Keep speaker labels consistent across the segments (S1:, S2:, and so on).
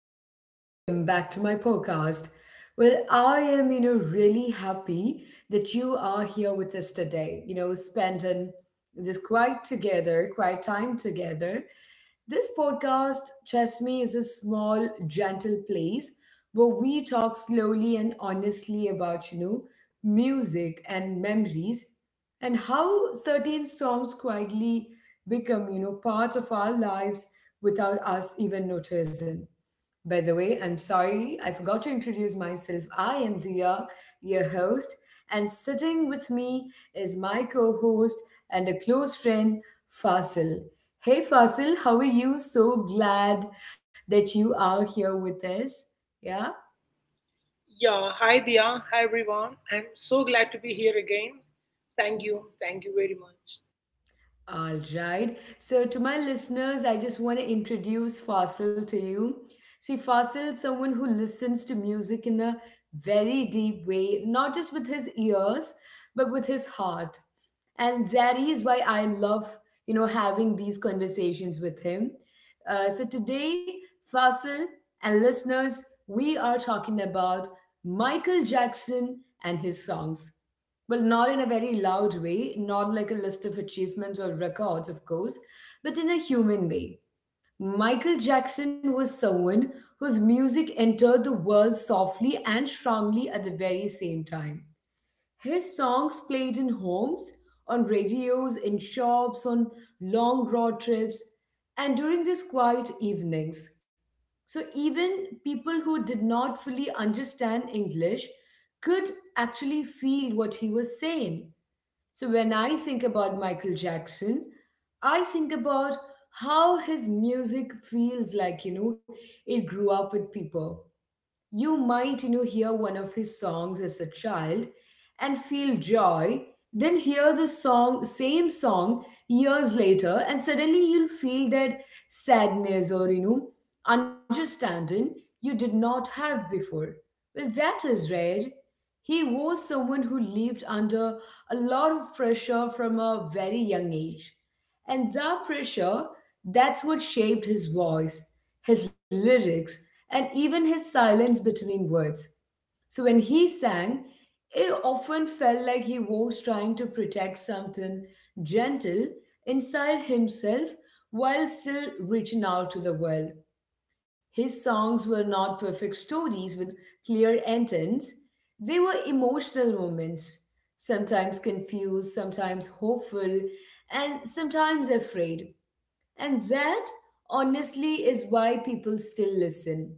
S1: and welcome back to my podcast. Well, I am, really happy that you are here with us today, spending quiet time together. This podcast, trust me, is a small, gentle place where we talk slowly and honestly about, music and memories and how certain songs quietly become, part of our lives without us even noticing. By the way, I'm sorry, I forgot to introduce myself. I am Dia, your host, and sitting with me is my co host and a close friend, Fasil. Hey Fasil, how are you? So glad that you are here with us. Yeah?
S2: Yeah, hi Dia, hi everyone. I'm so glad to be here again. Thank you very much.
S1: All right. So, to my listeners, I just want to introduce Fasil to you. See, Fasil is someone who listens to music in a very deep way, not just with his ears, but with his heart. And that is why I love, having these conversations with him. So, today, Fasil and listeners, we are talking about Michael Jackson and his songs. Well, not in a very loud way, not like a list of achievements or records, of course, but in a human way. Michael Jackson was someone whose music entered the world softly and strongly at the very same time. His songs played in homes, on radios, in shops, on long road trips, and during these quiet evenings. So, even people who did not fully understand English could actually feel what he was saying. So, when I think about Michael Jackson, I think about how his music feels like, it grew up with people. You might, hear one of his songs as a child and feel joy, then hear the song years later, and suddenly you'll feel that sadness or, understanding you did not have before. Well, that is rare. He was someone who lived under a lot of pressure from a very young age. And that pressure, that's what shaped his voice, his lyrics, and even his silence between words. So when he sang, it often felt like he was trying to protect something gentle inside himself while still reaching out to the world. His songs were not perfect stories with clear endings. They were emotional moments, sometimes confused, sometimes hopeful, and sometimes afraid. And that, honestly, is why people still listen.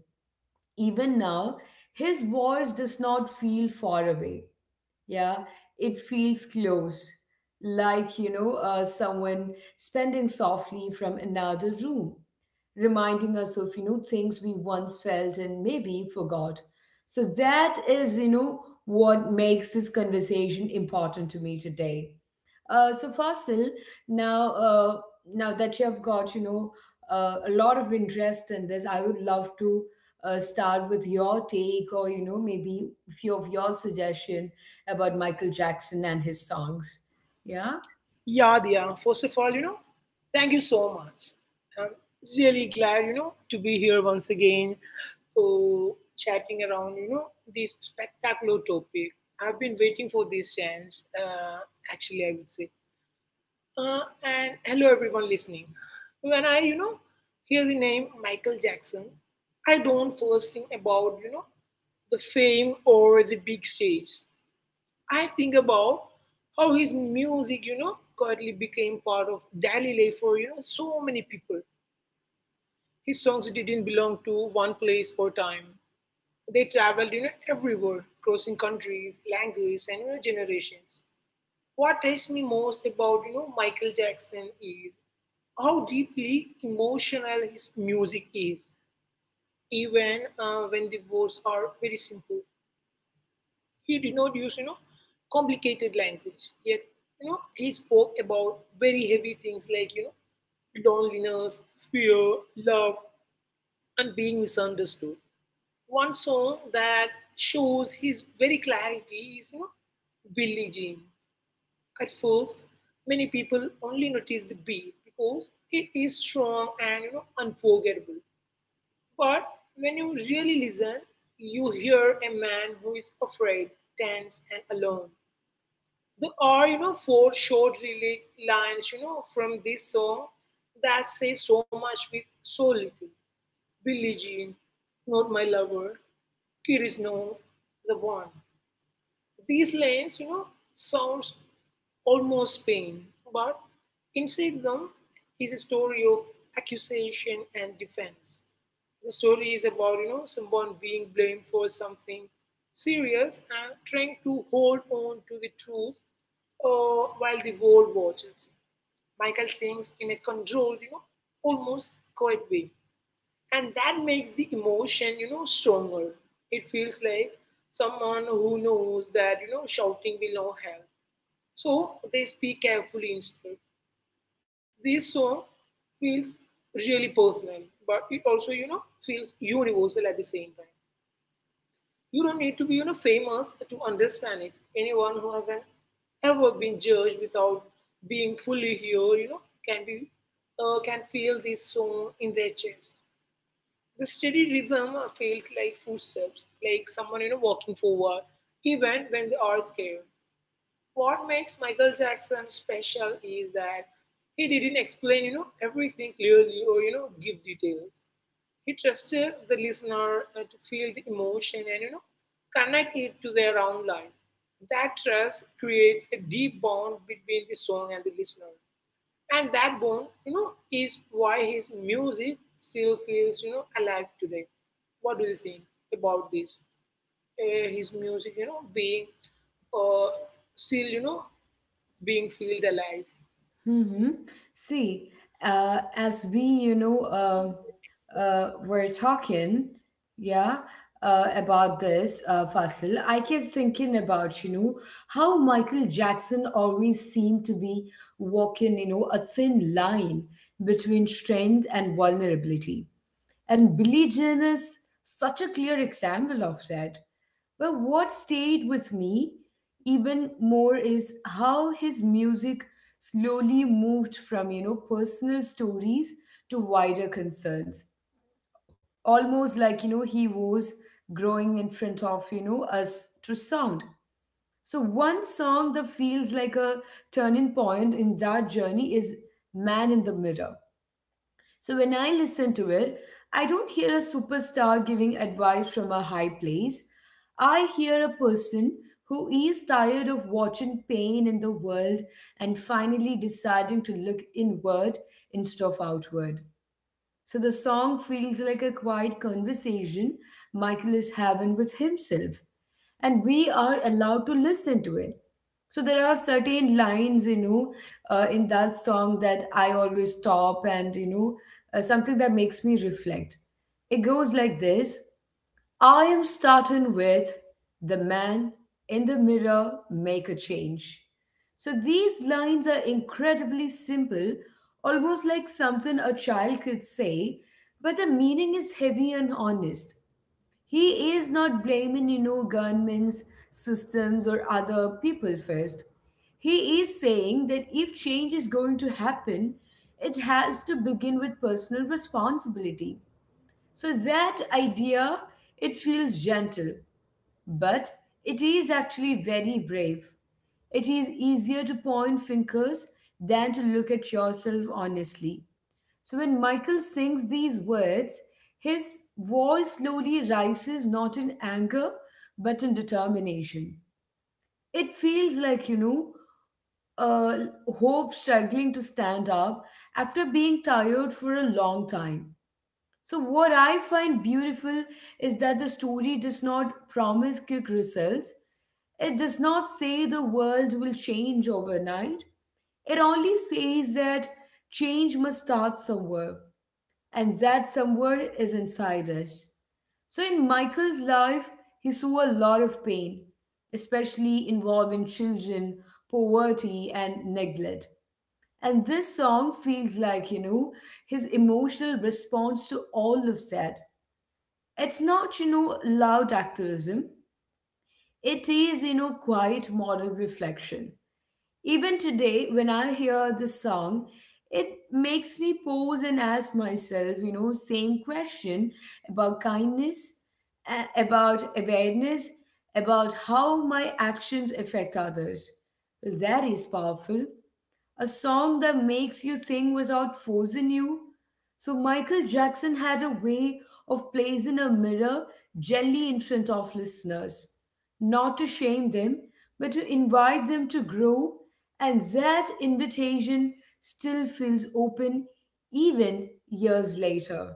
S1: Even now, his voice does not feel far away. Yeah, it feels close, like someone spending softly from another room, reminding us of things we once felt and maybe forgot. So that is what makes this conversation important to me today. So Fasil, now uh, now that you have got a lot of interest in this, I would love to start with your take, or maybe few of your suggestion about Michael Jackson and his songs. Yeah?
S2: Yeah, Dia, first of all, thank you so much. I'm really glad, to be here once again, oh, chatting around, this spectacular topic. I've been waiting for this chance, actually, I would say. And hello, everyone listening. When I, hear the name Michael Jackson, I don't first think about, the fame or the big stage. I think about how his music, quietly became part of daily life for, so many people. His songs didn't belong to one place or time. They traveled, everywhere, crossing countries, languages, and generations. What touched me most about Michael Jackson is how deeply emotional his music is, even when the words are very simple. He did not use complicated language, yet he spoke about very heavy things like loneliness, fear, love, and being misunderstood. One song that shows his very clarity is, Billie Jean. At first, many people only notice the beat because it is strong and unforgettable. But when you really listen, you hear a man who is afraid, tense, and alone. There are, four short really lines, from this song that say so much with so little. Billie Jean, not my lover. Kid is no the one. These lines, sounds almost pain, but inside them is a story of accusation and defense. The story is about, someone being blamed for something serious and trying to hold on to the truth while the world watches. Michael sings in a controlled, almost quiet way, and that makes the emotion stronger. It feels like someone who knows that shouting will not help, so they speak carefully instead. This song feels really personal, but it also feels universal at the same time. You don't need to be famous to understand it. Anyone who hasn't ever been judged without being fully here can be can feel this song in their chest. The steady rhythm feels like footsteps, like someone walking forward, even when they are scared. What makes Michael Jackson special is that he didn't explain everything clearly or give details. He trusted the listener to feel the emotion and connect it to their own life. That trust creates a deep bond between the song and the listener. And that bond, is why his music still feels, alive today. What do you think about this? His music, being uh, still, being felt alive.
S1: Mm-hmm. See, as we, were talking, yeah, about this, Fasil, I kept thinking about, how Michael Jackson always seemed to be walking, a thin line between strength and vulnerability. And Billie Jean is such a clear example of that. But what stayed with me even more is how his music slowly moved from, personal stories to wider concerns. Almost like, he was growing in front of, us to sound. So one song that feels like a turning point in that journey is Man in the Mirror. So when I listen to it, I don't hear a superstar giving advice from a high place. I hear a person who is tired of watching pain in the world and finally deciding to look inward instead of outward. So the song feels like a quiet conversation Michael is having with himself, and we are allowed to listen to it. So there are certain lines, in that song that I always stop and, something that makes me reflect. It goes like this. I am starting with the Man in the Mirror, Make a Change. So these lines are incredibly simple, almost like something a child could say, but the meaning is heavy and honest. He is not blaming, governments, systems, or other people first. He is saying that if change is going to happen, it has to begin with personal responsibility. So that idea, it feels gentle, but it is actually very brave. It is easier to point fingers than to look at yourself honestly. So when Michael sings these words, his voice slowly rises, not in anger but in determination. It feels like, uh, hope struggling to stand up after being tired for a long time. So, what I find beautiful is that the story does not promise quick results. It does not say the world will change overnight. It only says that change must start somewhere, and that somewhere is inside us. So, in Michael's life, he saw a lot of pain, especially involving children, poverty, and neglect. And this song feels like, his emotional response to all of that. It's not, loud activism. It is, quiet moral reflection. Even today, when I hear this song, it makes me pause and ask myself, same question about kindness, about awareness, about how my actions affect others. That is powerful, a song that makes you think without forcing you. So Michael Jackson had a way of placing a mirror gently in front of listeners, not to shame them, but to invite them to grow. And that invitation still feels open even years later.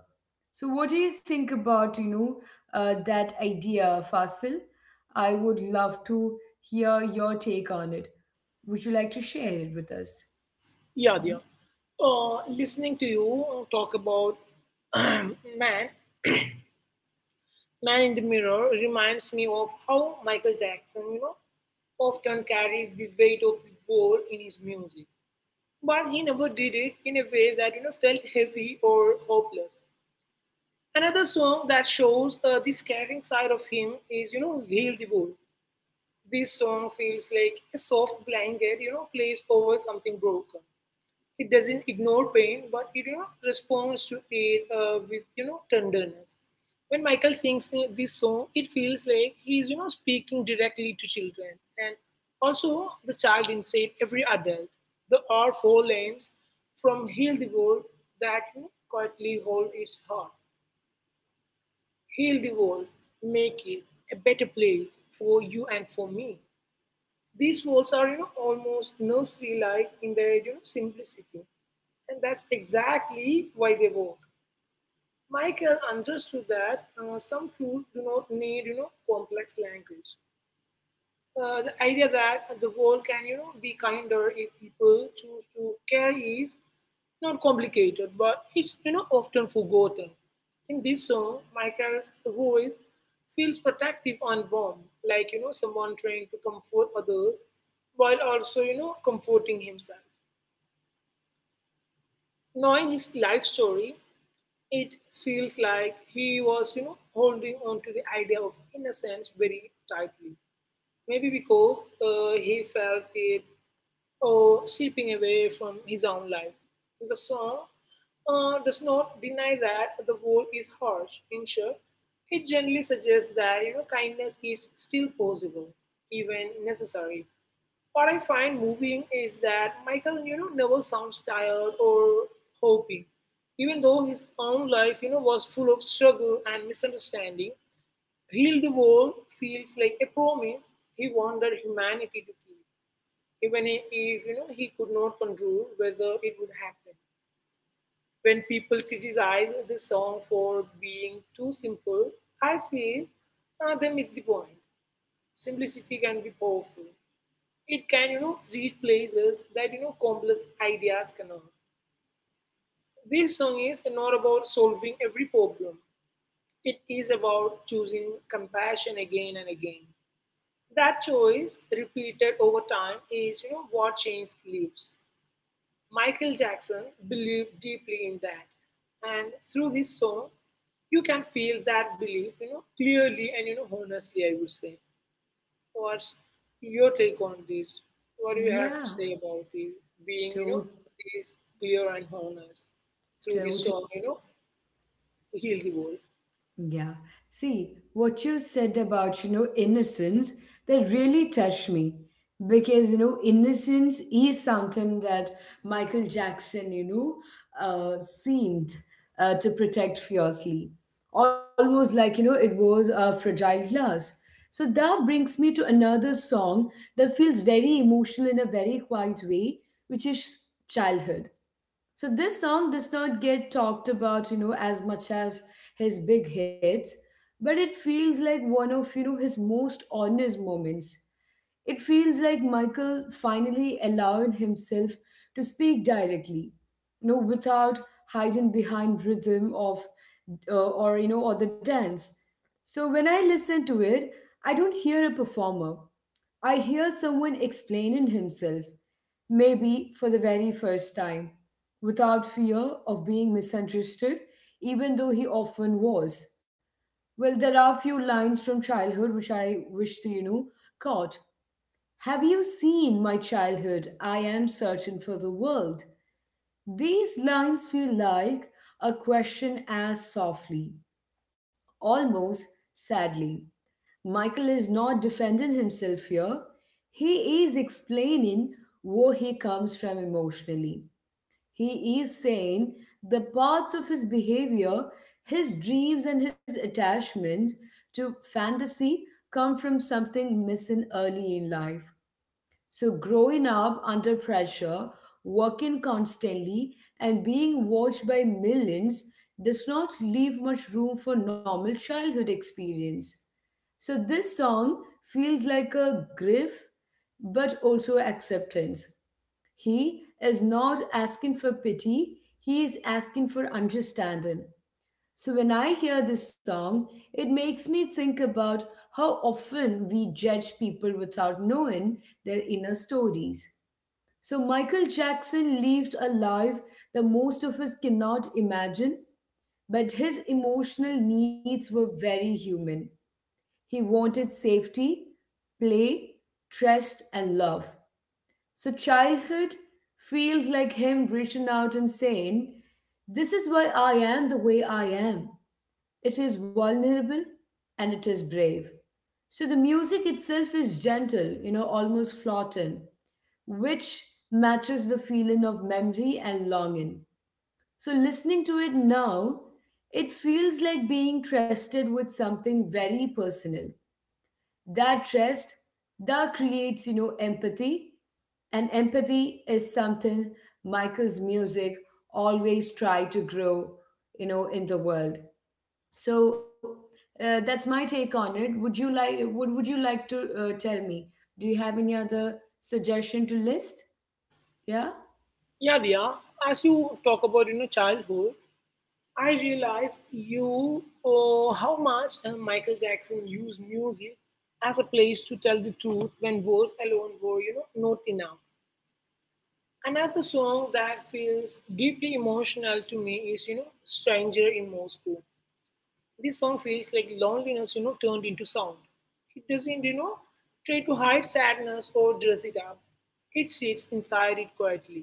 S1: So what do you think about, that idea, Fasil? I would love to hear your take on it. Would you like to share it with us?
S2: Yeah, yeah. Listening to you talk about man, man in the mirror reminds me of how Michael Jackson, often carried the weight of the world in his music, but he never did it in a way that felt heavy or hopeless. Another song that shows the scaring side of him is "Heal the World." This song feels like a soft blanket placed over something broken. It doesn't ignore pain, but it responds to it with tenderness. When Michael sings this song, it feels like he's speaking directly to children and also the child inside every adult. There are four lanes from Heal the World that quietly hold its heart. Heal the world, make it a better place for you and for me. These walls are, almost nursery-like in their simplicity. And that's exactly why they work. Michael understood that some truths do not need, complex language. Uh, the idea that the world can be kinder if people choose to care is not complicated, but it's often forgotten. In this song, Michael's voice feels protective and warm, like someone trying to comfort others while also comforting himself. Knowing his life story, it feels like he was holding on to the idea of innocence very tightly. Maybe because he felt it or slipping away from his own life. The song does not deny that the world is harsh. In short, it generally suggests that kindness is still possible, even necessary. What I find moving is that Michael, never sounds tired or hoping. Even though his own life, was full of struggle and misunderstanding, Heal the World feels like a promise he wanted humanity to keep, even if he could not control whether it would happen. When people criticize the song for being too simple, I feel they miss the point. Simplicity can be powerful. It can reach places that complex ideas cannot. This song is not about solving every problem. It is about choosing compassion again and again. That choice, repeated over time, is what changed lives. Michael Jackson believed deeply in that. And through his song, you can feel that belief, clearly and honestly, I would say. What's your take on this? What do you have to
S1: Yeah,
S2: say about it? Being,
S1: to
S2: this clear and honest through this
S1: totally.
S2: song, heal the world.
S1: Yeah. See, what you said about, innocence, that really touched me because, innocence is something that Michael Jackson, seemed to protect fiercely, almost like, it was a fragile glass. So that brings me to another song that feels very emotional in a very quiet way, which is Childhood. So this song does not get talked about, as much as his big hits, but it feels like one of, his most honest moments. It feels like Michael finally allowed himself to speak directly, without hiding behind rhythm of or you know or the dance. So when I listen to it, I don't hear a performer. I hear someone explaining himself, maybe for the very first time, without fear of being misunderstood, even though he often was. Well, there are a few lines from Childhood which I wish to, caught. Have you seen my childhood? I am searching for the world. These lines feel like a question asked softly, almost sadly. Michael is not defending himself here. He is explaining where he comes from emotionally. He is saying the parts of his behavior, his dreams, and his attachments to fantasy come from something missing early in life. So, growing up under pressure, working constantly, and being watched by millions does not leave much room for normal childhood experience. So, this song feels like a grief but also acceptance. He is not asking for pity, he is asking for understanding. So when I hear this song, it makes me think about how often we judge people without knowing their inner stories. So Michael Jackson lived a life that most of us cannot imagine, but his emotional needs were very human. He wanted safety, play, trust, and love. So Childhood feels like him reaching out and saying, this is why I am the way I am. It is vulnerable and it is brave. So the music itself is gentle, almost floating, which matches the feeling of memory and longing. So listening to it now, it feels like being trusted with something very personal. That trust, that creates, empathy. And empathy is something Michael's music always tried to grow, in the world. So that's my take on it. Would you like, would you like to tell me, do you have any other suggestion to list? Yeah.
S2: Yeah, yeah. As you talk about, childhood, I realized you how much Michael Jackson used music as a place to tell the truth when words alone were not enough. Another song that feels deeply emotional to me is Stranger in Moscow. This song feels like loneliness turned into sound. It doesn't try to hide sadness or dress it up. It sits inside it quietly.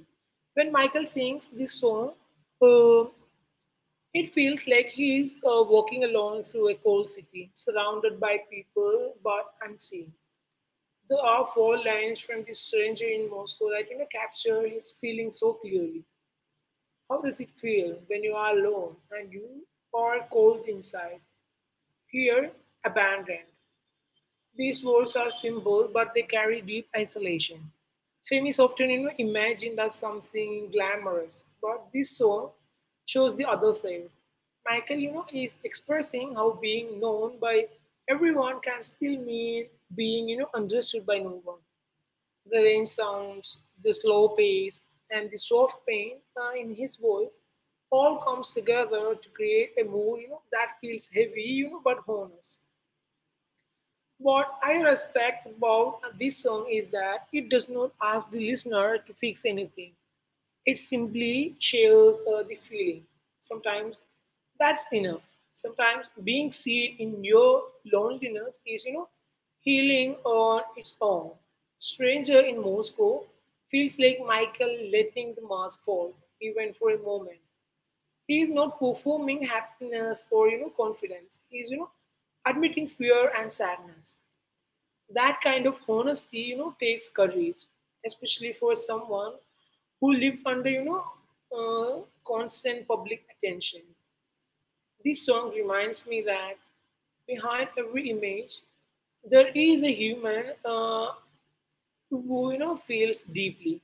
S2: When Michael sings this song, uh, it feels like he is walking alone through a cold city, surrounded by people but unseen. There are four lines from this Stranger in Moscow that capture his feelings so clearly. How does it feel when you are alone and you are cold inside? Here, abandoned. These walls are simple, but they carry deep isolation. Fame is often imagined as something glamorous, but this song shows the other side. Michael, is expressing how being known by everyone can still mean being, understood by no one. The range sounds, the slow pace, and the soft pain in his voice all comes together to create a mood, that feels heavy, but honest. What I respect about this song is that it does not ask the listener to fix anything. It simply shares the feeling. Sometimes that's enough. Sometimes being seen in your loneliness is, healing on its own. Stranger in Moscow feels like Michael letting the mask fall, even for a moment. He is not performing happiness or, confidence. He is, admitting fear and sadness. That kind of honesty, takes courage, especially for someone who lived under, uh, constant public attention. This song reminds me that behind every image, there is a human who, feels deeply.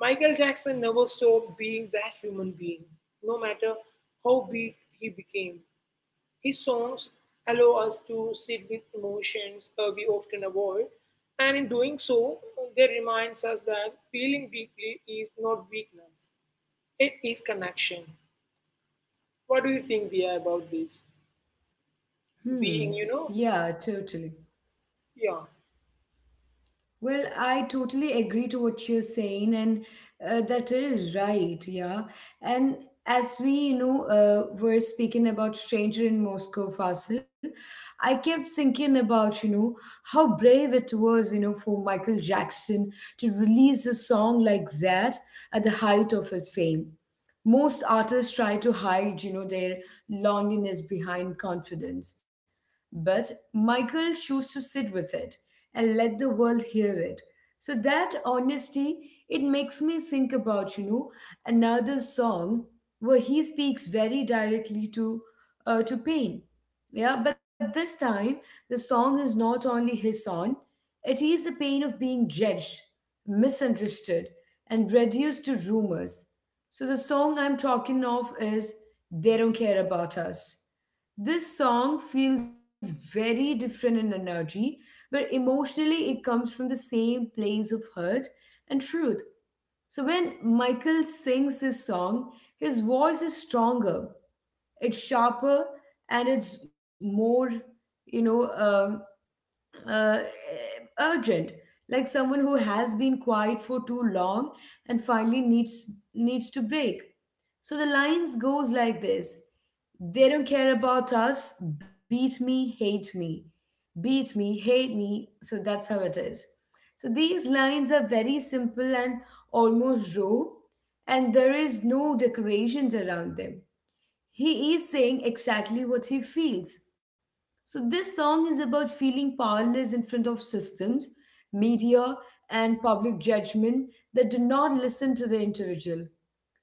S2: Michael Jackson never stopped being that human being, no matter how big he became. His songs allow us to sit with emotions we often avoid, and in doing so, they reminds us that feeling deeply is not weakness; it is connection. What do you think, Dia, about this?
S1: Hmm.
S2: Being,
S1: Yeah, totally.
S2: yeah,
S1: Well, I totally agree to what you're saying, and that is right, yeah. And as we, were speaking about Stranger in Moscow, Fasil, I kept thinking about, how brave it was, for Michael Jackson to release a song like that at the height of his fame. Most artists try to hide their loneliness behind confidence, but Michael chose to sit with it and let the world hear it. So that honesty, it makes me think about another song where he speaks very directly to pain. Yeah, but this time the song is not only his own, it is the pain of being judged, misunderstood, and reduced to rumors. So, the song I'm talking of is They Don't Care About Us. This song feels very different in energy, but emotionally it comes from the same place of hurt and truth. So, when Michael sings this song, his voice is stronger, it's sharper, and it's more, you know, um, uh, uh, urgent, like someone who has been quiet for too long and finally needs to break. So the lines goes like this: they don't care about us, beat me, hate me, beat me, hate me. So that's how it is. So these lines are very simple and almost raw, and there is no decorations around them. He is saying exactly what he feels. So this song is about feeling powerless in front of systems, media, and public judgment that do not listen to the individual.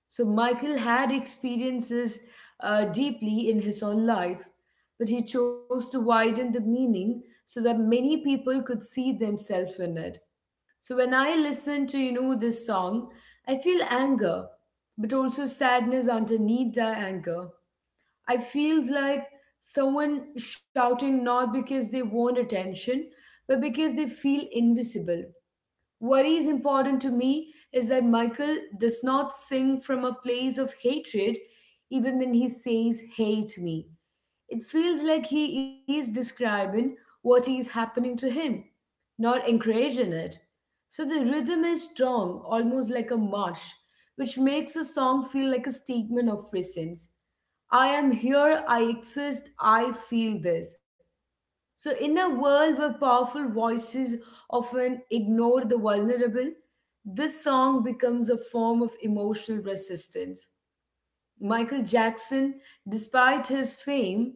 S1: So Michael had experiences deeply in his own life, but he chose to widen the meaning so that many people could see themselves in it. So when I listen to this song, I feel anger, but also sadness underneath the anger. I feels like someone shouting not because they want attention, but because they feel invisible. What is important to me is that Michael does not sing from a place of hatred, even when he says, Hate me. It feels like he is describing what is happening to him, not encouraging it. So the rhythm is strong, almost like a march, which makes a song feel like a statement of presence. I am here, I exist, I feel this. So, in a world where powerful voices often ignore the vulnerable, this song becomes a form of emotional resistance. Michael Jackson, despite his fame,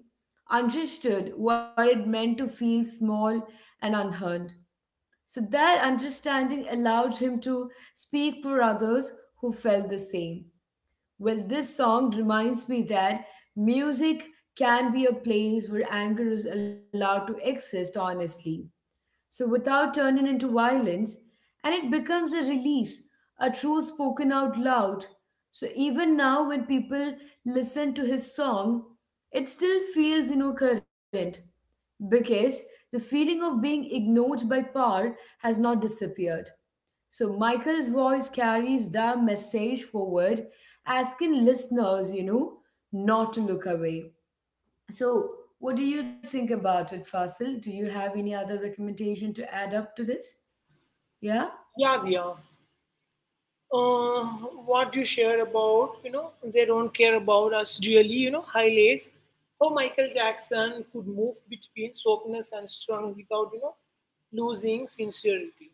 S1: understood what it meant to feel small and unheard. So, that understanding allowed him to speak for others who felt the same. Well, this song reminds me that music can be a place where anger is allowed to exist honestly. So, without turning into violence, and it becomes a release, a truth spoken out loud. So, even now, when people listen to his song, it still feels, current, because the feeling of being ignored by power has not disappeared. So Michael's voice carries the message forward, asking listeners, not to look away. So, what do you think about it, Fasil? Do you have any other recommendation to add up to this? Yeah?
S2: yeah, Dia. Uh, what you share about, they don't care about us really, highlights how Michael Jackson could move between softness and strength without, losing sincerity.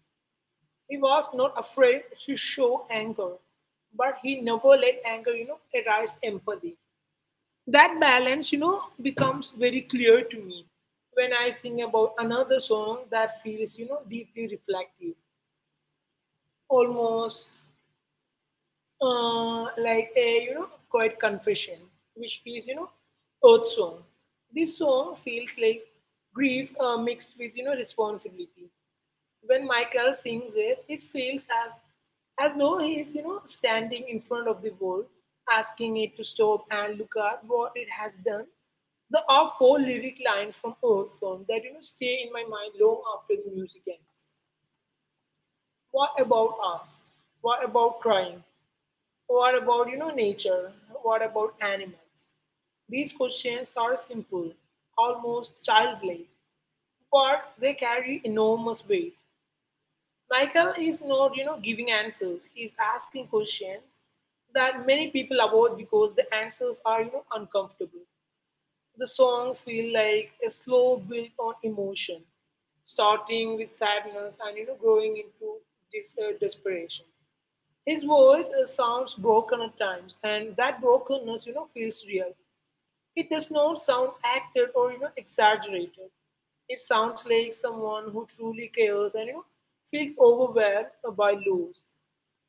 S2: He was not afraid to show anger, but he never let anger, arise empathy. That balance, becomes very clear to me when I think about another song that feels, deeply reflective, almost like a, quiet confession, which is, Earth Song. This song feels like grief mixed with, responsibility. When Michael sings it, it feels as though he is, standing in front of the world, asking it to stop and look at what it has done. There are four lyric lines from Earth Song that stay in my mind long after the music ends. What about us? What about crying? What about nature? What about animals? These questions are simple, almost childlike, but they carry enormous weight. Michael is not, giving answers. He's asking questions that many people avoid because the answers are, uncomfortable. The song feel like a slow build on emotion, starting with sadness and growing into desperation. His voice sounds broken at times, and that brokenness, feels real. It does not sound acted or exaggerated. It sounds like someone who truly cares and feels overwhelmed by loss.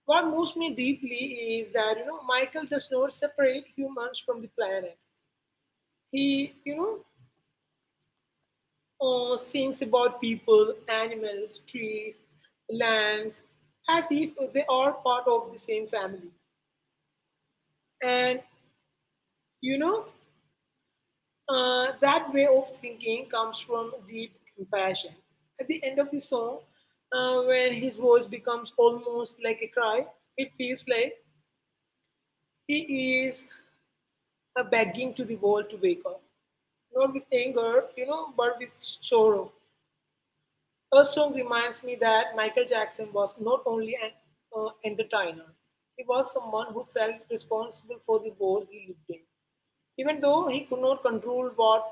S2: What moves me deeply is that Michael does not separate humans from the planet. He sings about people, animals, trees, lands, as if they are part of the same family. And you know that way of thinking comes from deep compassion. At the end of the song, when his voice becomes almost like a cry, it feels like he is begging to the world to wake up. Not with anger, but with sorrow. Her song reminds me that Michael Jackson was not only an entertainer; he was someone who felt responsible for the world he lived in. Even though he could not control what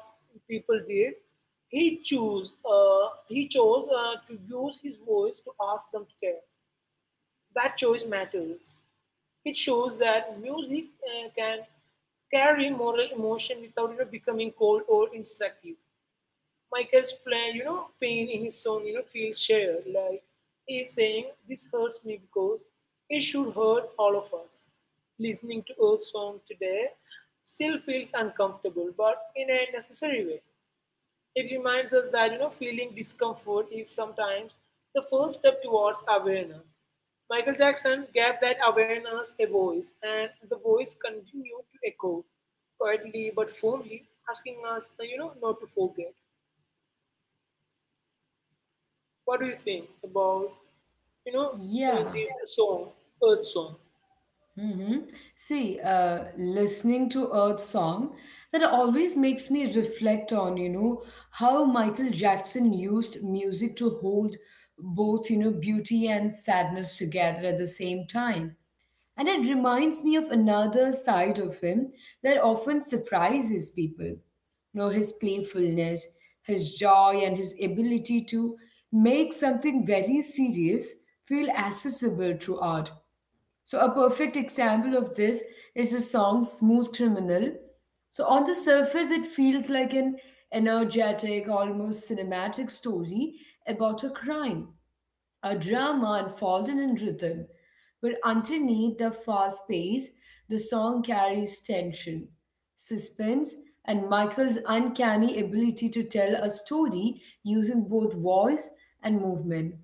S2: people did, he chose to use his voice to ask them to care. That choice matters. It shows that music can carry moral emotion without becoming cold or instructive. Michael's play, pain in his song, feels shared. Like he's saying, "This hurts me because it should hurt all of us." Listening to a song today still feels uncomfortable, but in a necessary way. It reminds us that feeling discomfort is sometimes the first step towards awareness. Michael Jackson gave that awareness a voice, and the voice continued to echo quietly but firmly, asking us, not to forget. What do you think about you know
S1: Yeah.
S2: this song, Earth Song,
S1: Hmm. See, listening to Earth song, that always makes me reflect on, how Michael Jackson used music to hold both, beauty and sadness together at the same time. And it reminds me of another side of him that often surprises people. You know, his playfulness, his joy, and his ability to make something very serious feel accessible through art. So, a perfect example of this is the song Smooth Criminal. So, on the surface, it feels like an energetic, almost cinematic story about a crime, a drama unfolding in rhythm, but underneath the fast pace, the song carries tension, suspense, and Michael's uncanny ability to tell a story using both voice and movement,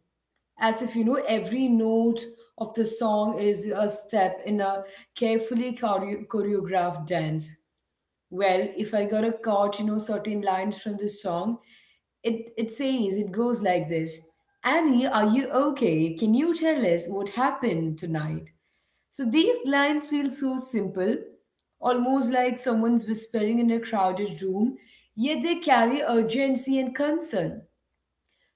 S1: as if every note of the song is a step in a carefully choreographed dance. Well, if I got a caught certain lines from this song, it says it goes like this: Annie, are you okay? Can you tell us what happened tonight? So these lines feel so simple, almost like someone's whispering in a crowded room, yet they carry urgency and concern.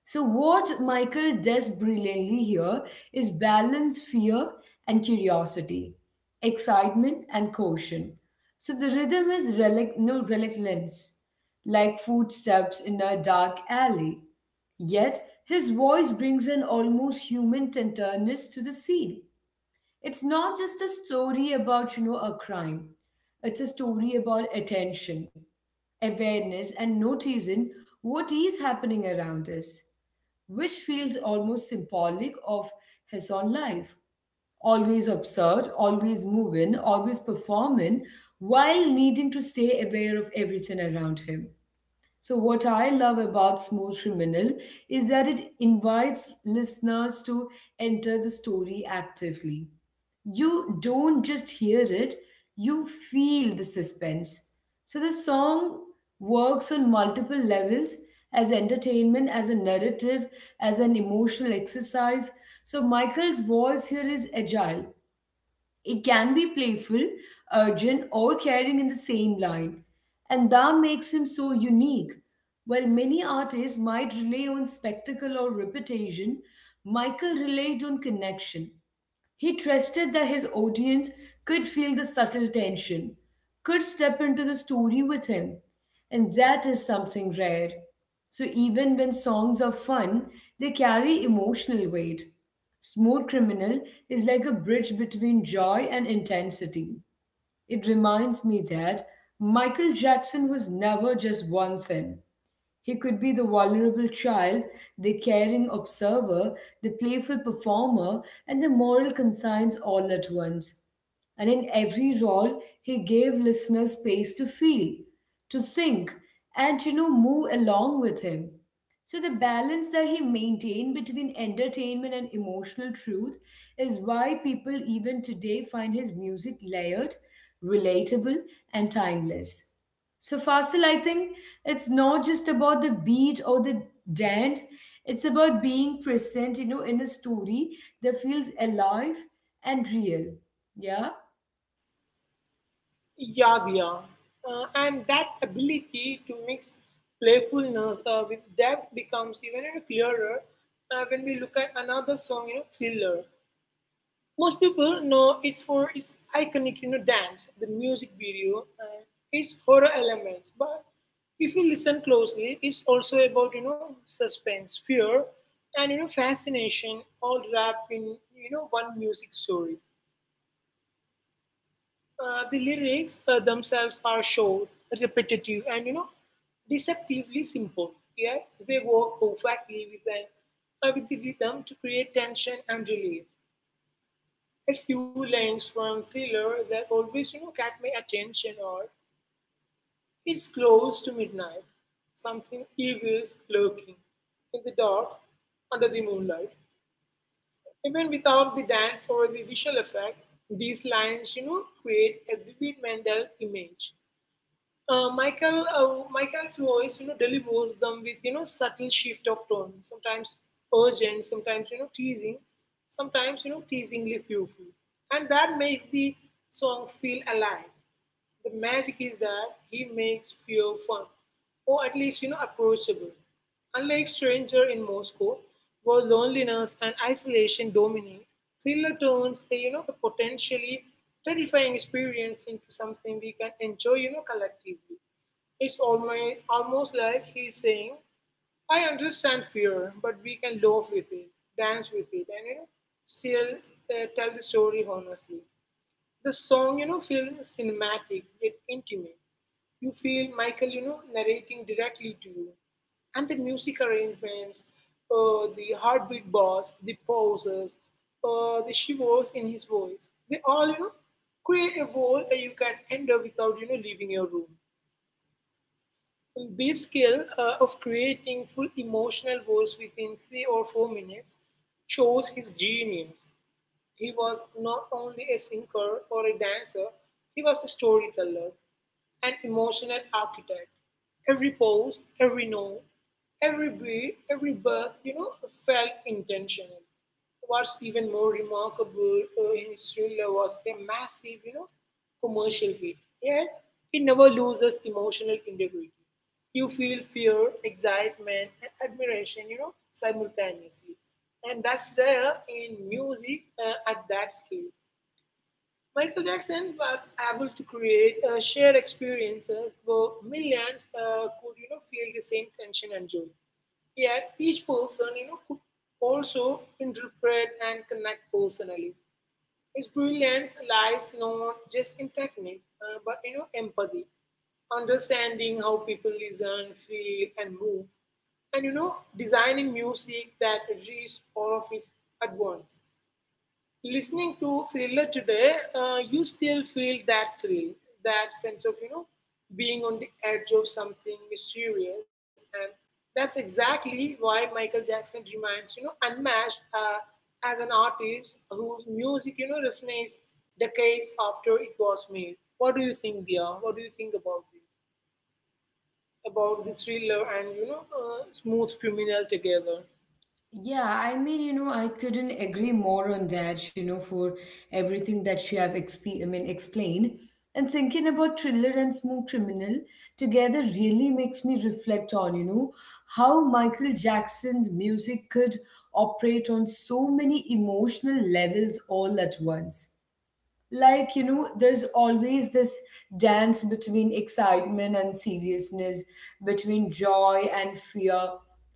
S1: So, what Michael does brilliantly here is balance fear and curiosity, excitement and caution. So, the rhythm is relic- no reluctance, like footsteps in a dark alley. Yet, his voice brings an almost human tenderness to the scene. It's not just a story about, a crime. It's a story about attention, awareness, and noticing what is happening around us, which feels almost symbolic of his own life. Always absurd, always moving, always performing, while needing to stay aware of everything around him. So, what I love about Smooth Criminal is that it invites listeners to enter the story actively. You don't just hear it, you feel the suspense. So, the song works on multiple levels as entertainment, as a narrative, as an emotional exercise. So, Michael's voice here is agile. It can be playful, urgent, or caring in the same line, and that makes him so unique. While many artists might rely on spectacle or reputation, Michael relied on connection. He trusted that his audience could feel the subtle tension, could step into the story with him. And that is something rare. So even when songs are fun, they carry emotional weight. Smooth Criminal is like a bridge between joy and intensity. It reminds me that Michael Jackson was never just one thing. He could be the vulnerable child, the caring observer, the playful performer, and the moral conscience all at once. And in every role, he gave listeners space to feel, to think, and to move along with him. So the balance that he maintained between entertainment and emotional truth is why people even today find his music layered, relatable, and timeless. So Fasil, I think it's not just about the beat or the dance. It's about being present, in a story that feels alive and real. Yeah.
S2: Yad? And that ability to mix playfulness with depth becomes even clearer when we look at another song, Thriller. Most people know it for its iconic dance, the music video, and its horror elements. But if you listen closely, it's also about suspense, fear, and fascination, all wrapped in one music story. The lyrics themselves are short, repetitive, and deceptively simple. Yeah, they work perfectly with the rhythm to create tension and release. A few lines from thriller that always, catch my attention, or: "It's close to midnight. Something evil's lurking in the dark under the moonlight." Even without the dance or the visual effect, these lines, create a vivid mental image. Michael's voice, delivers them with subtle shift of tone, sometimes urgent, sometimes teasing, sometimes teasingly fearful, and that makes the song feel alive. The magic is that he makes fear fun, or at least approachable. Unlike Stranger in Moscow, where loneliness and isolation dominate, thriller turns a you know a potentially terrifying experience into something we can enjoy collectively. It's almost like he's saying, "I understand fear, but we can laugh with it, dance with it, and still tell the story honestly." The song, feels cinematic yet intimate. You feel Michael, narrating directly to you. And the music arrangements, the heartbeat bars, the pauses, the shivers in his voice, they all, create a world that you can enter without, leaving your room. And this skill of creating full emotional worlds within 3 or 4 minutes shows his genius. He was not only a singer or a dancer; he was a storyteller, an emotional architect. Every pose, every note, every beat, every breath, felt intentional. What's even more remarkable in his thriller was a massive, commercial hit. Yet, he never loses emotional integrity. You feel fear, excitement, and admiration, simultaneously. And that's rare in music at that scale. Michael Jackson was able to create shared experiences where millions could, feel the same tension and joy. Yet each person, could also interpret and connect personally. His brilliance lies not just in technique, but empathy, understanding how people listen, feel, and move, and, designing music that reaches all of it at once. Listening to Thriller today, you still feel that thrill, that sense of, being on the edge of something mysterious. And that's exactly why Michael Jackson remains, unmatched as an artist whose music, resonates decades after it was made. What do you think, Dia? What do you think about this? About the thriller and, smooth criminal together?
S1: Yeah, I mean, I couldn't agree more on that, for everything that you have explained. And thinking about Thriller and Smooth Criminal together really makes me reflect on, how Michael Jackson's music could operate on so many emotional levels all at once. Like, there's always this dance between excitement and seriousness, between joy and fear,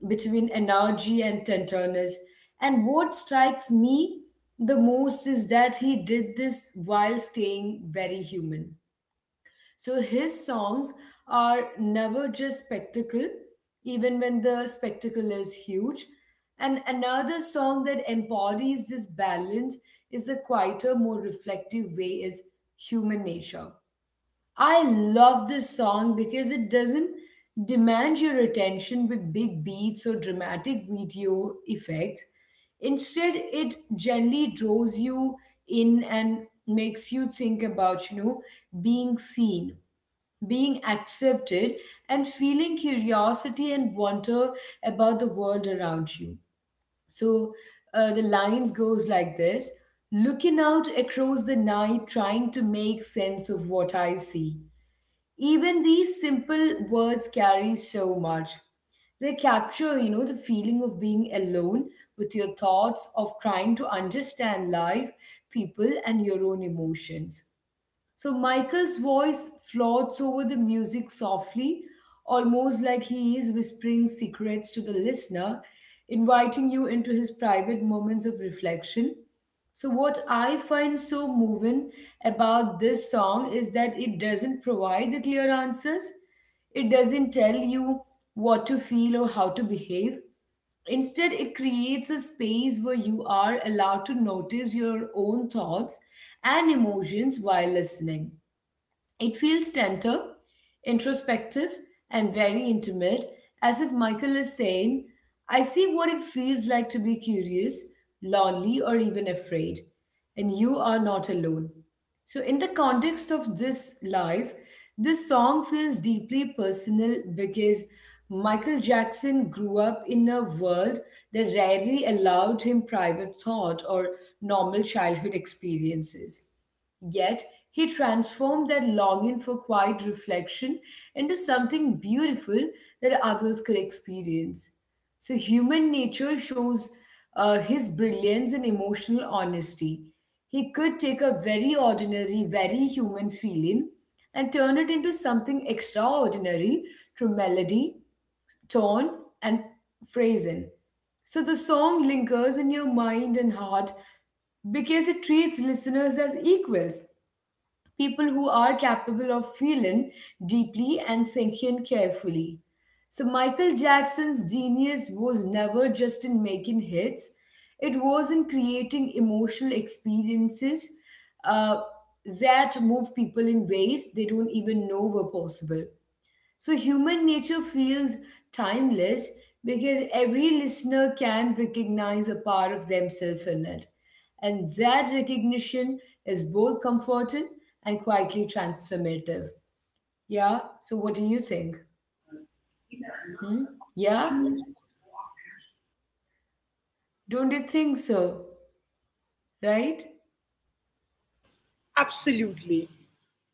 S1: between energy and tenderness. And what strikes me the most is that he did this while staying very human. So his songs are never just spectacle, even when the spectacle is huge. And another song that embodies this balance is a quieter, more reflective way is Human Nature. I love this song because it doesn't demand your attention with big beats or dramatic video effects. Instead, it gently draws you in and makes you think about, being seen, being accepted, and feeling curiosity and wonder about the world around you. So the lines goes like this: looking out across the night, trying to make sense of what I see. Even these simple words carry so much. They capture the feeling of being alone with your thoughts, of trying to understand life, people, and your own emotions. So Michael's voice floats over the music softly, almost like he is whispering secrets to the listener, inviting you into his private moments of reflection. So, what I find so moving about this song is that it doesn't provide the clear answers. It doesn't tell you what to feel or how to behave. Instead, it creates a space where you are allowed to notice your own thoughts and emotions while listening. It feels tender, introspective, and very intimate, as if Michael is saying, I see what it feels like to be curious, lonely, or even afraid, and you are not alone. So, in the context of this life, this song feels deeply personal because Michael Jackson grew up in a world that rarely allowed him private thought or normal childhood experiences. Yet, he transformed that longing for quiet reflection into something beautiful that others could experience. So, human nature shows his brilliance and emotional honesty. He could take a very ordinary, very human feeling and turn it into something extraordinary through melody, tone, and phrasing. So, the song lingers in your mind and heart because it treats listeners as equals, people who are capable of feeling deeply and thinking carefully. So Michael Jackson's genius was never just in making hits, it was in creating emotional experiences uh, that move people in ways they don't even know were possible. So human nature feels timeless because every listener can recognize a part of themselves in it. And that recognition is both comforting and quietly transformative. Yeah, so what do you think? Hmm? Yeah, don't you think so? Right?
S2: Absolutely.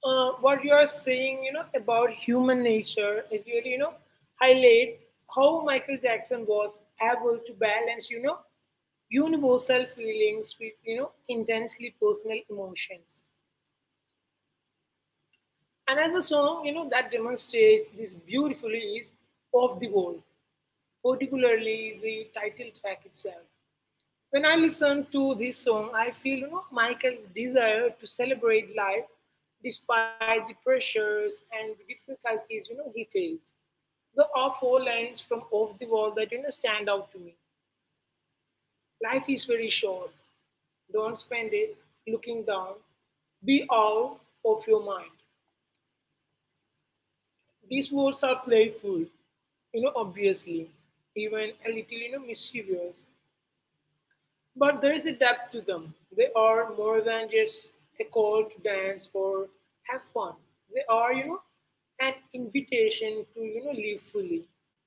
S2: What you are saying, about human nature, it really, highlights how Michael Jackson was able to balance, universal feelings with, intensely personal emotions. Another song, that demonstrates this beautifully is Of the World, particularly the title track itself. When I listen to this song, I feel Michael's desire to celebrate life despite the pressures and the difficulties he faced. There are four lines from Off the Wall that stand out to me. "Life is very short. Don't spend it looking down. Be out of your mind." These words are playful, obviously, even a little, mischievous, but there is a depth to them. They are more than just a call to dance or have fun. They are, an invitation to, live fully,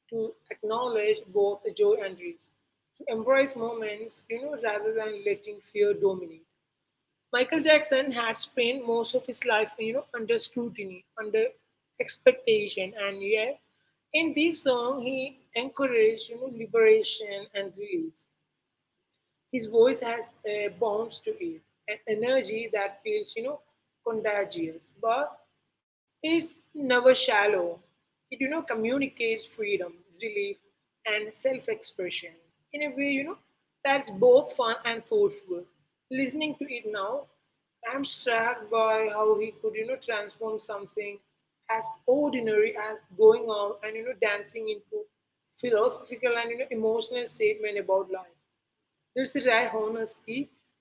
S2: to acknowledge both the joy and risk, to embrace moments, rather than letting fear dominate. Michael Jackson had spent most of his life, under scrutiny, under expectation, and yeah, in this song he encouraged, liberation and release. His voice has a bounce to it, an energy that feels, contagious, but is never shallow. It, communicates freedom, relief, and self-expression in a way, that's both fun and thoughtful. Listening to it now, I'm struck by how he could, transform something as ordinary as going out and, dancing into philosophical and, emotional statement about life. There's a wry honesty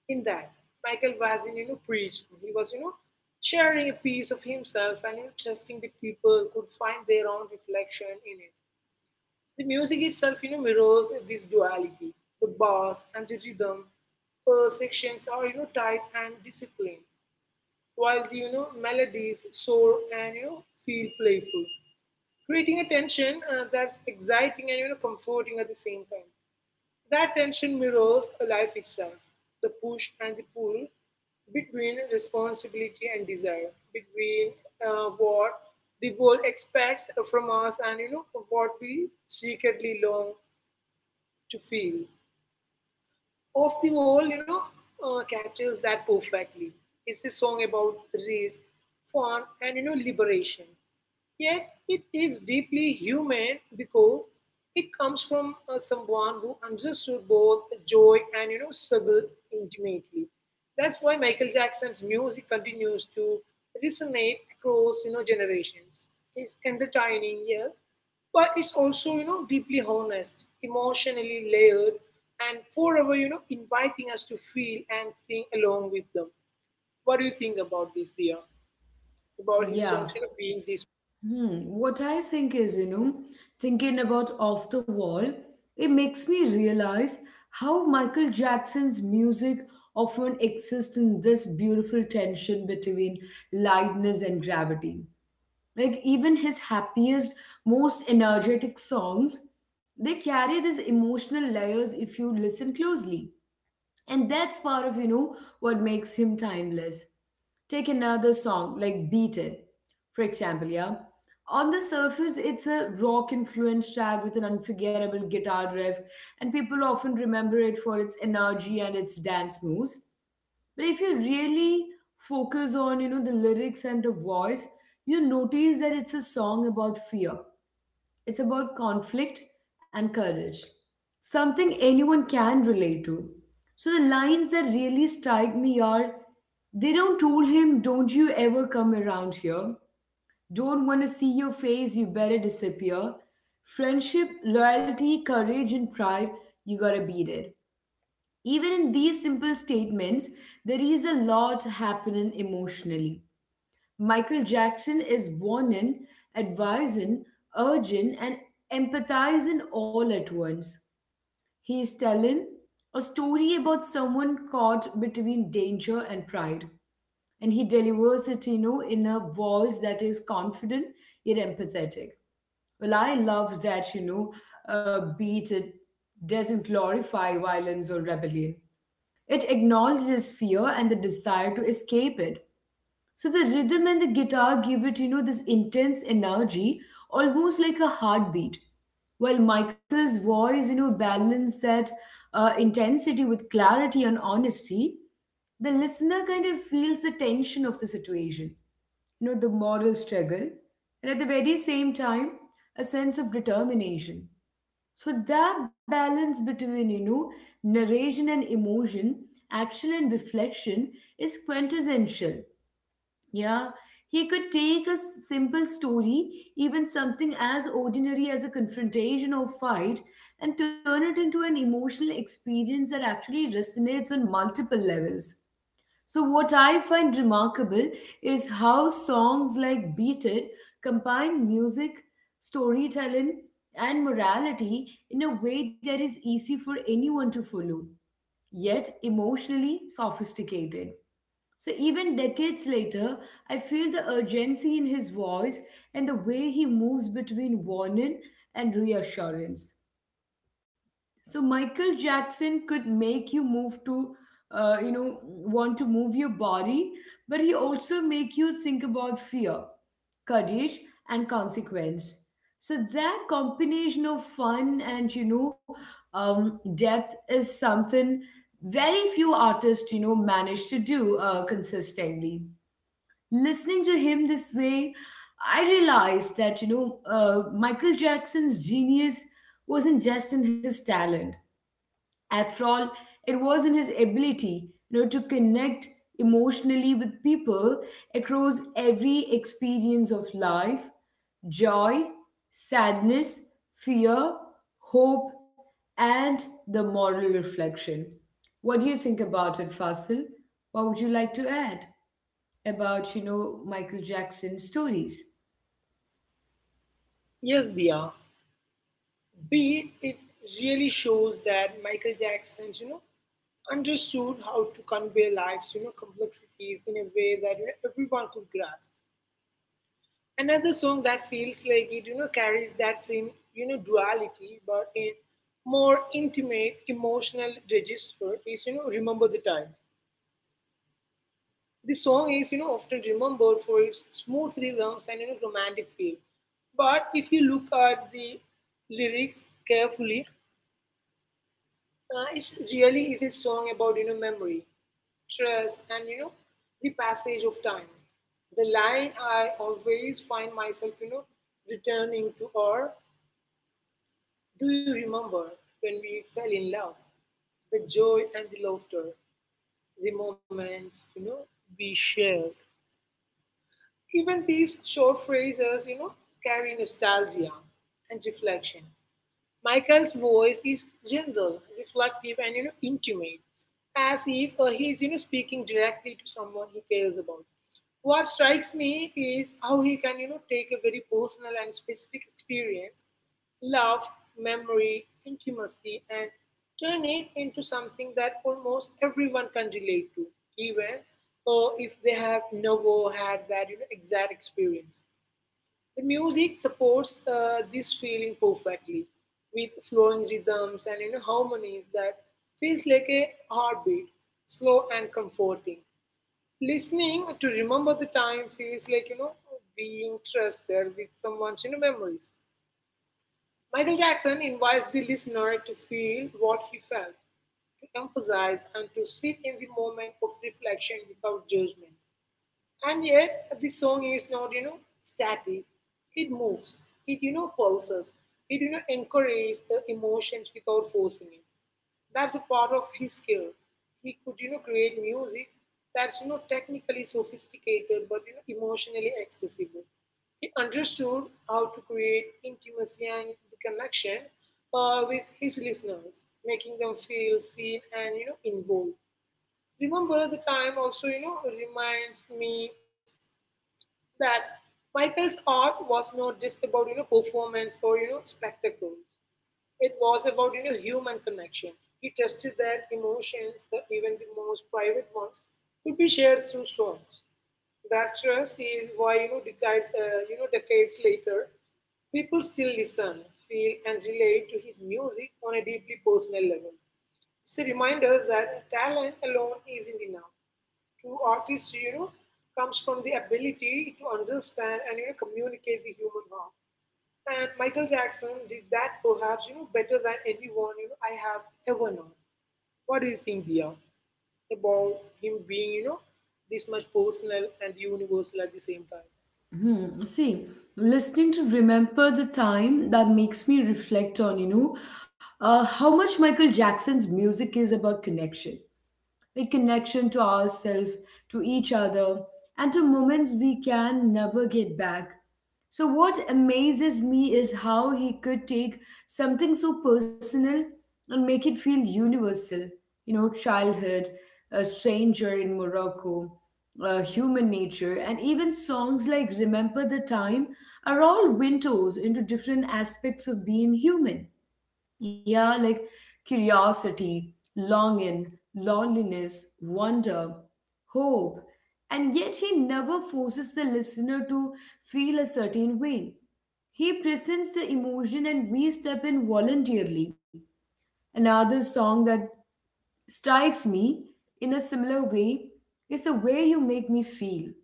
S2: in that. Michael wasn't, preaching. He was, sharing a piece of himself and, trusting the people could find their own reflection in it. The music itself, mirrors this duality. The bass and the rhythm sections are, tight and disciplined, while the, melodies soar and, feel playful, creating a tension that's exciting and, comforting at the same time. That tension mirrors a life itself, the push and the pull between responsibility and desire, between what the world expects from us and what we secretly long to feel. Of the Wall, captures that perfectly. It's a song about risk, fun, and liberation. Yet it is deeply human because it comes from someone who understood both joy and struggle intimately. That's why Michael Jackson's music continues to resonate across generations. It's entertaining, yes, but it's also deeply honest, emotionally layered, and forever inviting us to feel and think along with them. What do you think about this, Dia? About his
S1: Yeah.
S2: songs, being this?
S1: Hmm. What I think is, thinking about Off the Wall, it makes me realize how Michael Jackson's music often exists in this beautiful tension between lightness and gravity. Like, even his happiest, most energetic songs, they carry these emotional layers if you listen closely, and that's part of what makes him timeless. Take another song like Beat It, for example. Yeah, on the surface it's a rock influenced track with an unforgettable guitar riff, and people often remember it for its energy and its dance moves. But if you really focus on the lyrics and the voice, you notice that it's a song about fear. It's about conflict and courage, something anyone can relate to. So the lines that really strike me are, they don't told him, don't you ever come around here. Don't want to see your face, you better disappear. Friendship, loyalty, courage, and pride, you gotta beat it. Even in these simple statements, there is a lot happening emotionally. Michael Jackson is warning, advising, urging, and empathizing all at once. He is telling a story about someone caught between danger and pride, and he delivers it, in a voice that is confident yet empathetic. Well, I love that, Beat It doesn't glorify violence or rebellion. It acknowledges fear and the desire to escape it. So the rhythm and the guitar give it, this intense energy, almost like a heartbeat. While Michael's voice, you know, balanced that intensity with clarity and honesty, the listener kind of feels the tension of the situation, you know, the moral struggle, and at the very same time, a sense of determination. So that balance between, narration and emotion, action and reflection is quintessential. Yeah, he could take a simple story, even something as ordinary as a confrontation or fight, and turn it into an emotional experience that actually resonates on multiple levels. So, what I find remarkable is how songs like Beat It combine music, storytelling, and morality in a way that is easy for anyone to follow, yet emotionally sophisticated. So, even decades later, I feel the urgency in his voice and the way he moves between warning and reassurance. So, Michael Jackson could make you move to, want to move your body, but he also make you think about fear, courage, and consequence. So, that combination of fun and, depth is something very few artists, you know, manage to do consistently. Listening to him this way, I realized that, Michael Jackson's genius wasn't just in his talent. After all, it was in his ability, to connect emotionally with people across every experience of life: joy, sadness, fear, hope, and the moral reflection. What do you think about it, Fasil? What would you like to add about, Michael Jackson stories?
S2: Yes, Dia. B, it really shows that Michael Jackson, understood how to convey life's, complexities in a way that, everyone could grasp. Another song that feels like it, carries that same, duality, but in more intimate, emotional register is, Remember the Time. This song is, often remembered for its smooth rhythms and, romantic feel. But if you look at the lyrics carefully it really is a song about memory, trust, and the passage of time. The line I always find myself returning to are, "Do you remember when we fell in love? The joy and the laughter, the moments we shared." Even these short phrases carry nostalgia and reflection. Michael's voice is gentle, reflective, and intimate, as if he is speaking directly to someone he cares about. What strikes me is how he can take a very personal and specific experience, love, memory, intimacy, and turn it into something that almost everyone can relate to, even or if they have never had that exact experience. The music supports this feeling perfectly with flowing rhythms and, harmonies that feels like a heartbeat, slow and comforting. Listening to Remember the Time feels like being trusted with someone's memories. Michael Jackson invites the listener to feel what he felt, to emphasize and to sit in the moment of reflection without judgment. And yet the song is not static. It moves. It pulses. It encourages the emotions without forcing it. That's a part of his skill. He could create music that's technically sophisticated but emotionally accessible. He understood how to create intimacy and the connection with his listeners, making them feel seen and involved. Remember the time also reminds me that Michael's art was not just about performance or spectacles. It was about human connection. He trusted that emotions, even the most private ones, could be shared through songs. That trust is why decades you know decades later, people still listen, feel, and relate to his music on a deeply personal level. It's a reminder that talent alone isn't enough to artists comes from the ability to understand and communicate the human heart. And Michael Jackson did that perhaps better than anyone I have ever known. What do you think, Dia, about him being this much personal and universal at the same time?
S1: Hmm. See, listening to Remember the Time, that makes me reflect on, how much Michael Jackson's music is about connection. Like connection to ourselves, to each other, and to moments we can never get back. So, what amazes me is how he could take something so personal and make it feel universal. You know, childhood, a stranger in Morocco, human nature, and even songs like Remember the Time are all windows into different aspects of being human. Yeah, like curiosity, longing, loneliness, wonder, hope. And yet he never forces the listener to feel a certain way. He presents the emotion and we step in voluntarily. Another song that strikes me in a similar way is The Way You Make Me Feel.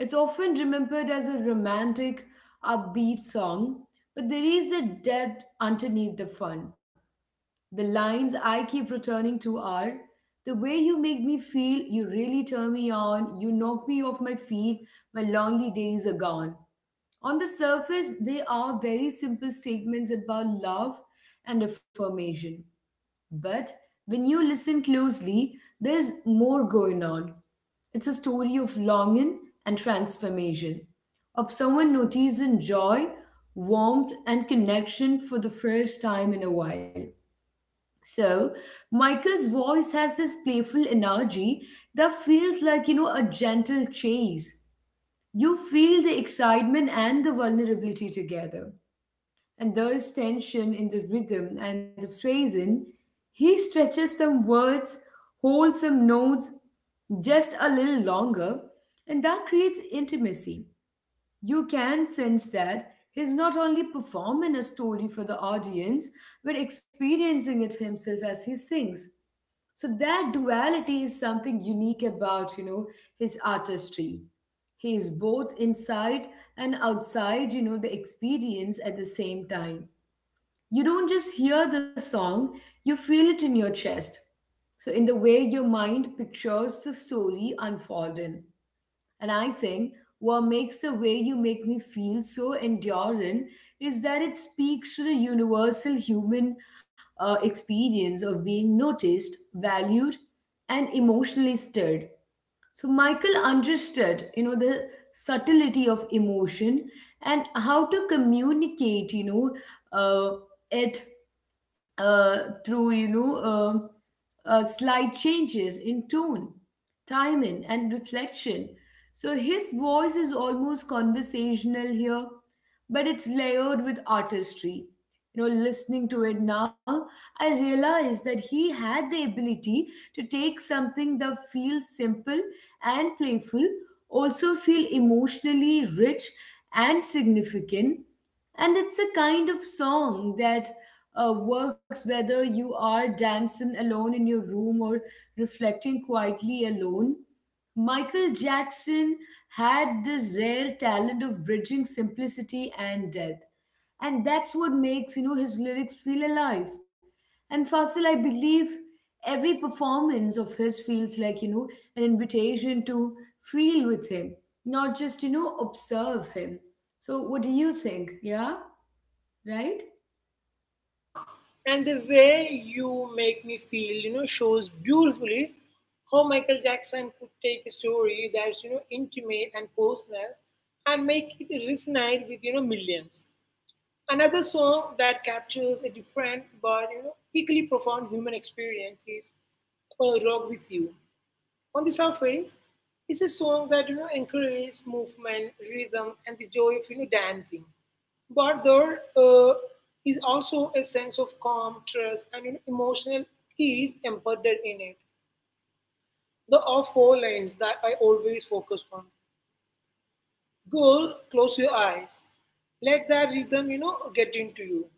S1: It's often remembered as a romantic, upbeat song, but there is a depth underneath the fun. The lines I keep returning to are, the way you make me feel, you really turn me on, you knock me off my feet, my lonely days are gone. On the surface, they are very simple statements about love and affirmation. But when you listen closely, there's more going on. It's a story of longing and transformation, of someone noticing joy, warmth, and connection for the first time in a while. So Michael's voice has this playful energy that feels like, you know, a gentle chase. You feel the excitement and the vulnerability together. And there's tension in the rhythm and the phrasing. He stretches some words, holds some notes just a little longer, and that creates intimacy. You can sense that he's not only performing a story for the audience, but experiencing it himself as he sings. So that duality is something unique about, his artistry. He is both inside and outside, you know, the experience at the same time. You don't just hear the song, you feel it in your chest. So in the way your mind pictures the story unfolding. And I think what makes The Way You Make Me Feel so enduring is that it speaks to the universal human experience of being noticed, valued, and emotionally stirred. So Michael understood, the subtlety of emotion and how to communicate, uh, it uh, through slight changes in tone, timing, and reflection. So his voice is almost conversational here, but it's layered with artistry. You know, listening to it now, I realize that he had the ability to take something that feels simple and playful, also feel emotionally rich and significant. And it's a kind of song that works whether you are dancing alone in your room or reflecting quietly alone. Michael Jackson had this rare talent of bridging simplicity and depth, and that's what makes his lyrics feel alive. And Fasil, I believe every performance of his feels like an invitation to feel with him, not just observe him. So what do you think? Yeah, right.
S2: Dia, and the way you make me feel shows beautifully how Michael Jackson could take a story that's intimate and personal and make it resonate with millions. Another song that captures a different but equally profound human experience is "I'll Rock With You." On the surface, it's a song that encourages movement, rhythm, and the joy of dancing. But there is also a sense of calm, trust, and emotional ease embedded in it. There are four lines that I always focus on. Girl, close your eyes. Let that rhythm get into you.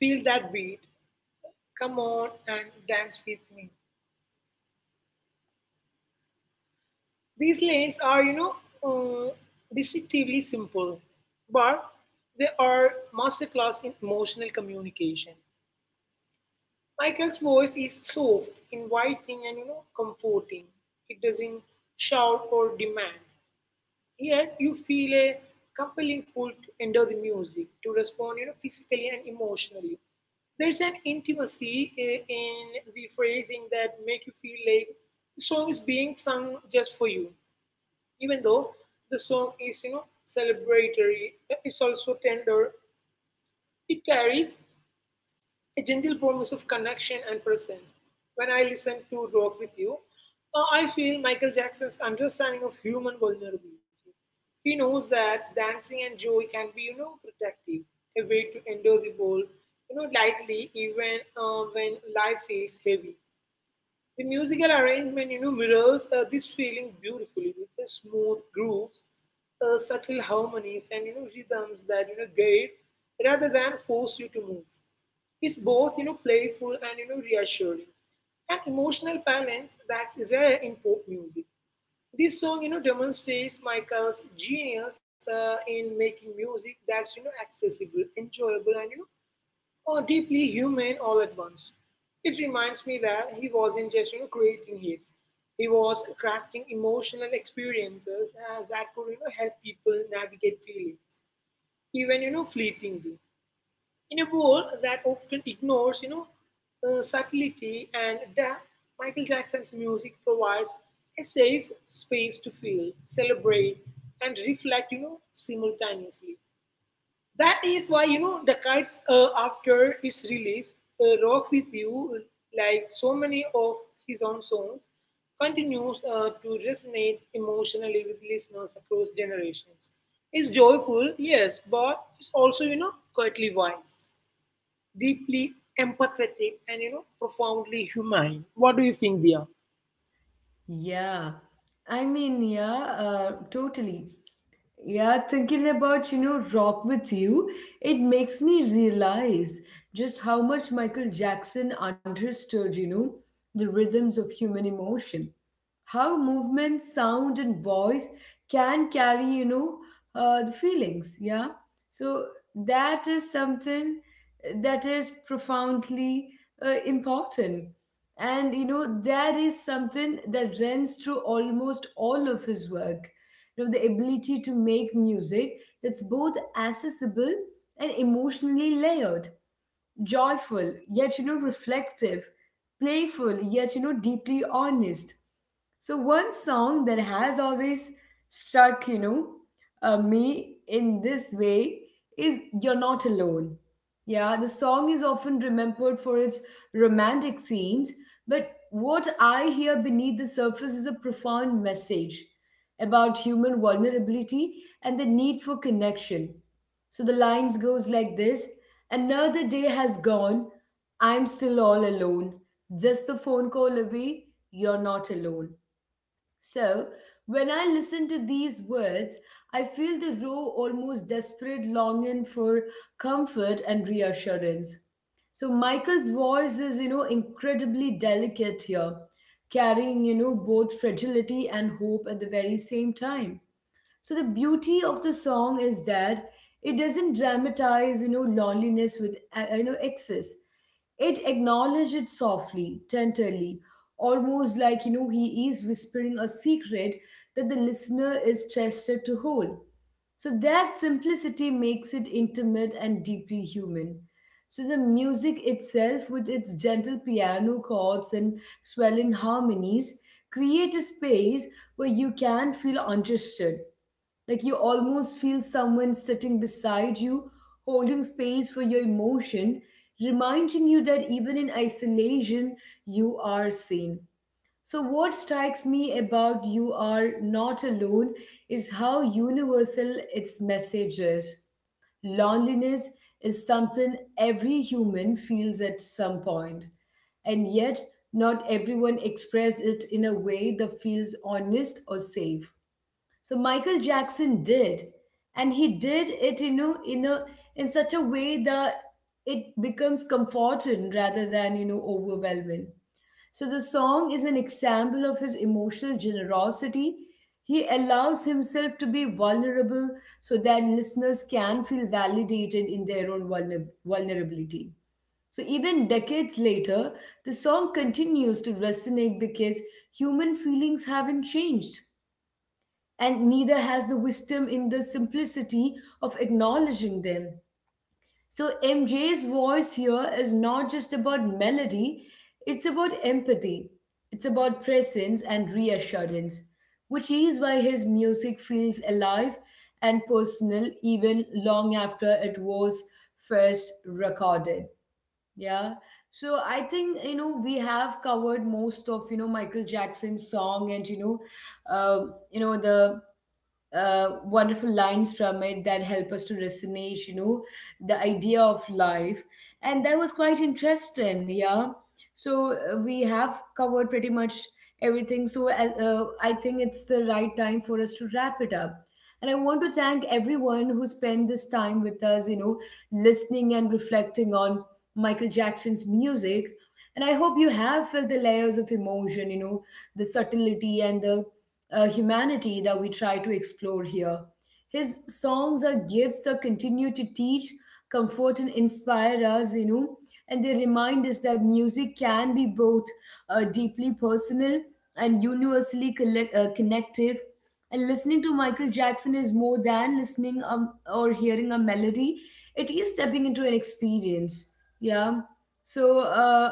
S2: Feel that beat. Come on and dance with me. These lines areuh, deceptively simple, but they are masterclass in emotional communication. Michael's voice is soft, inviting, and comforting. It doesn't shout or demand. Yet you feel a compelling pull to enter the music, to respond physically and emotionally. There's an intimacy in the phrasing that make you feel like the song is being sung just for you. Even though the song is celebratory it's also tender. It carries a gentle promise of connection and presence. When I listen to Rock with You I feel Michael Jackson's understanding of human vulnerability. He knows that dancing and joy can be protective, a way to endure the world lightly even when life feels heavy. The musical arrangement mirrors this feeling beautifully with the smooth grooves subtle harmonies, and rhythms that guide rather than force you to move is both playful and reassuring. An emotional balance that's rare in pop music. This song demonstrates Michael's genius in making music that's accessible, enjoyable, and deeply human all at once. It reminds me that he wasn't just creating hits. He was crafting emotional experiences that could help people navigate feelings, even fleetingly. In a world that often ignores subtlety and depth, Michael Jackson's music provides a safe space to feel, celebrate, and reflect simultaneously. That is why the kites after its release Rock With You, like so many of his own songs, continues to resonate emotionally with listeners across generations. It's joyful, yes, but it's also quietly wise, deeply empathetic, and profoundly humane. What do you think, Dia?
S1: Yeah, yeah, totally. Yeah, thinking about, Rock with You, it makes me realize just how much Michael Jackson understood, the rhythms of human emotion, how movement, sound, and voice can carry the feelings. Yeah, so that is something that is profoundly important, and you know that is something that runs through almost all of his work. You know, the ability to make music that's both accessible and emotionally layered, joyful yet you know reflective, playful yet you know deeply honest. So one song that has always struck me in this way is You're Not Alone. Yeah, the song is often remembered for its romantic themes, but what I hear beneath the surface is a profound message about human vulnerability and the need for connection. So the lines goes like this. Another day has gone. I'm still all alone. Just the phone call away. You're not alone. So when I listen to these words, I feel the raw, almost desperate longing for comfort and reassurance. So Michael's voice is, you know, incredibly delicate here, carrying, you know, both fragility and hope at the very same time. So the beauty of the song is that it doesn't dramatize, you know, loneliness with excess. It acknowledges it softly, tenderly, almost like you know he is whispering a secret that the listener is trusted to hold. So that simplicity makes it intimate and deeply human. So the music itself, with its gentle piano chords and swelling harmonies, create a space where you can feel understood, like you almost feel someone sitting beside you, holding space for your emotion, reminding you that even in isolation, you are seen. So, what strikes me about You Are Not Alone is how universal its message is. Loneliness is something every human feels at some point, and yet not everyone expresses it in a way that feels honest or safe. So Michael Jackson did, and he did it, in such a way that it becomes comforting rather than you know overwhelming. So the song is an example of his emotional generosity. He allows himself to be vulnerable so that listeners can feel validated in their own vulnerability. So even decades later, the song continues to resonate because human feelings haven't changed, and neither has the wisdom in the simplicity of acknowledging them. So, MJ's voice here is not just about melody, it's about empathy, it's about presence and reassurance, which is why his music feels alive and personal even long after it was first recorded. Yeah. So I think you know we have covered most of you know Michael Jackson's song, and the wonderful lines from it that help us to resonate, you know, the idea of life. And that was quite interesting, yeah. So we have covered pretty much everything. So I think it's the right time for us to wrap it up. And I want to thank everyone who spent this time with us, you know, listening and reflecting on Michael Jackson's music. And I hope you have felt the layers of emotion, you know, the subtlety and the humanity that we try to explore here. His songs are gifts that continue to teach, comfort, and inspire us, you know, and they remind us that music can be both deeply personal and universally connective. And listening to Michael Jackson is more than listening or hearing a melody, it is stepping into an experience. Yeah. So,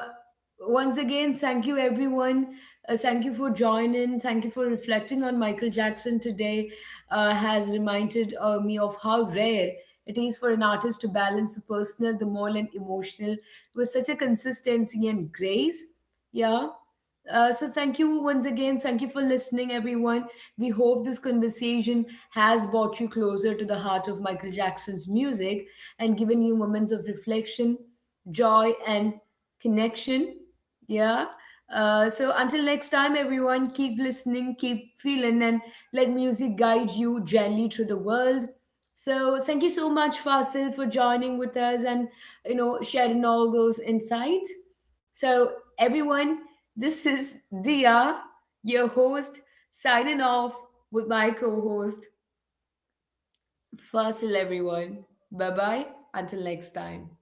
S1: once again, thank you everyone. Thank you for joining. Thank you for reflecting on Michael Jackson today. Has reminded me of how rare it is for an artist to balance the personal, the moral, and emotional with such a consistency and grace. Yeah. So thank you once again. Thank you for listening, everyone. We hope this conversation has brought you closer to the heart of Michael Jackson's music and given you moments of reflection, joy, and connection. Yeah. So until next time, everyone, keep listening, keep feeling, and let music guide you gently through the world. So thank you so much, Fasil, for joining with us and you know sharing all those insights. So everyone, this is Dia, your host, signing off with my co host, Fasil. Everyone, bye bye. Until next time.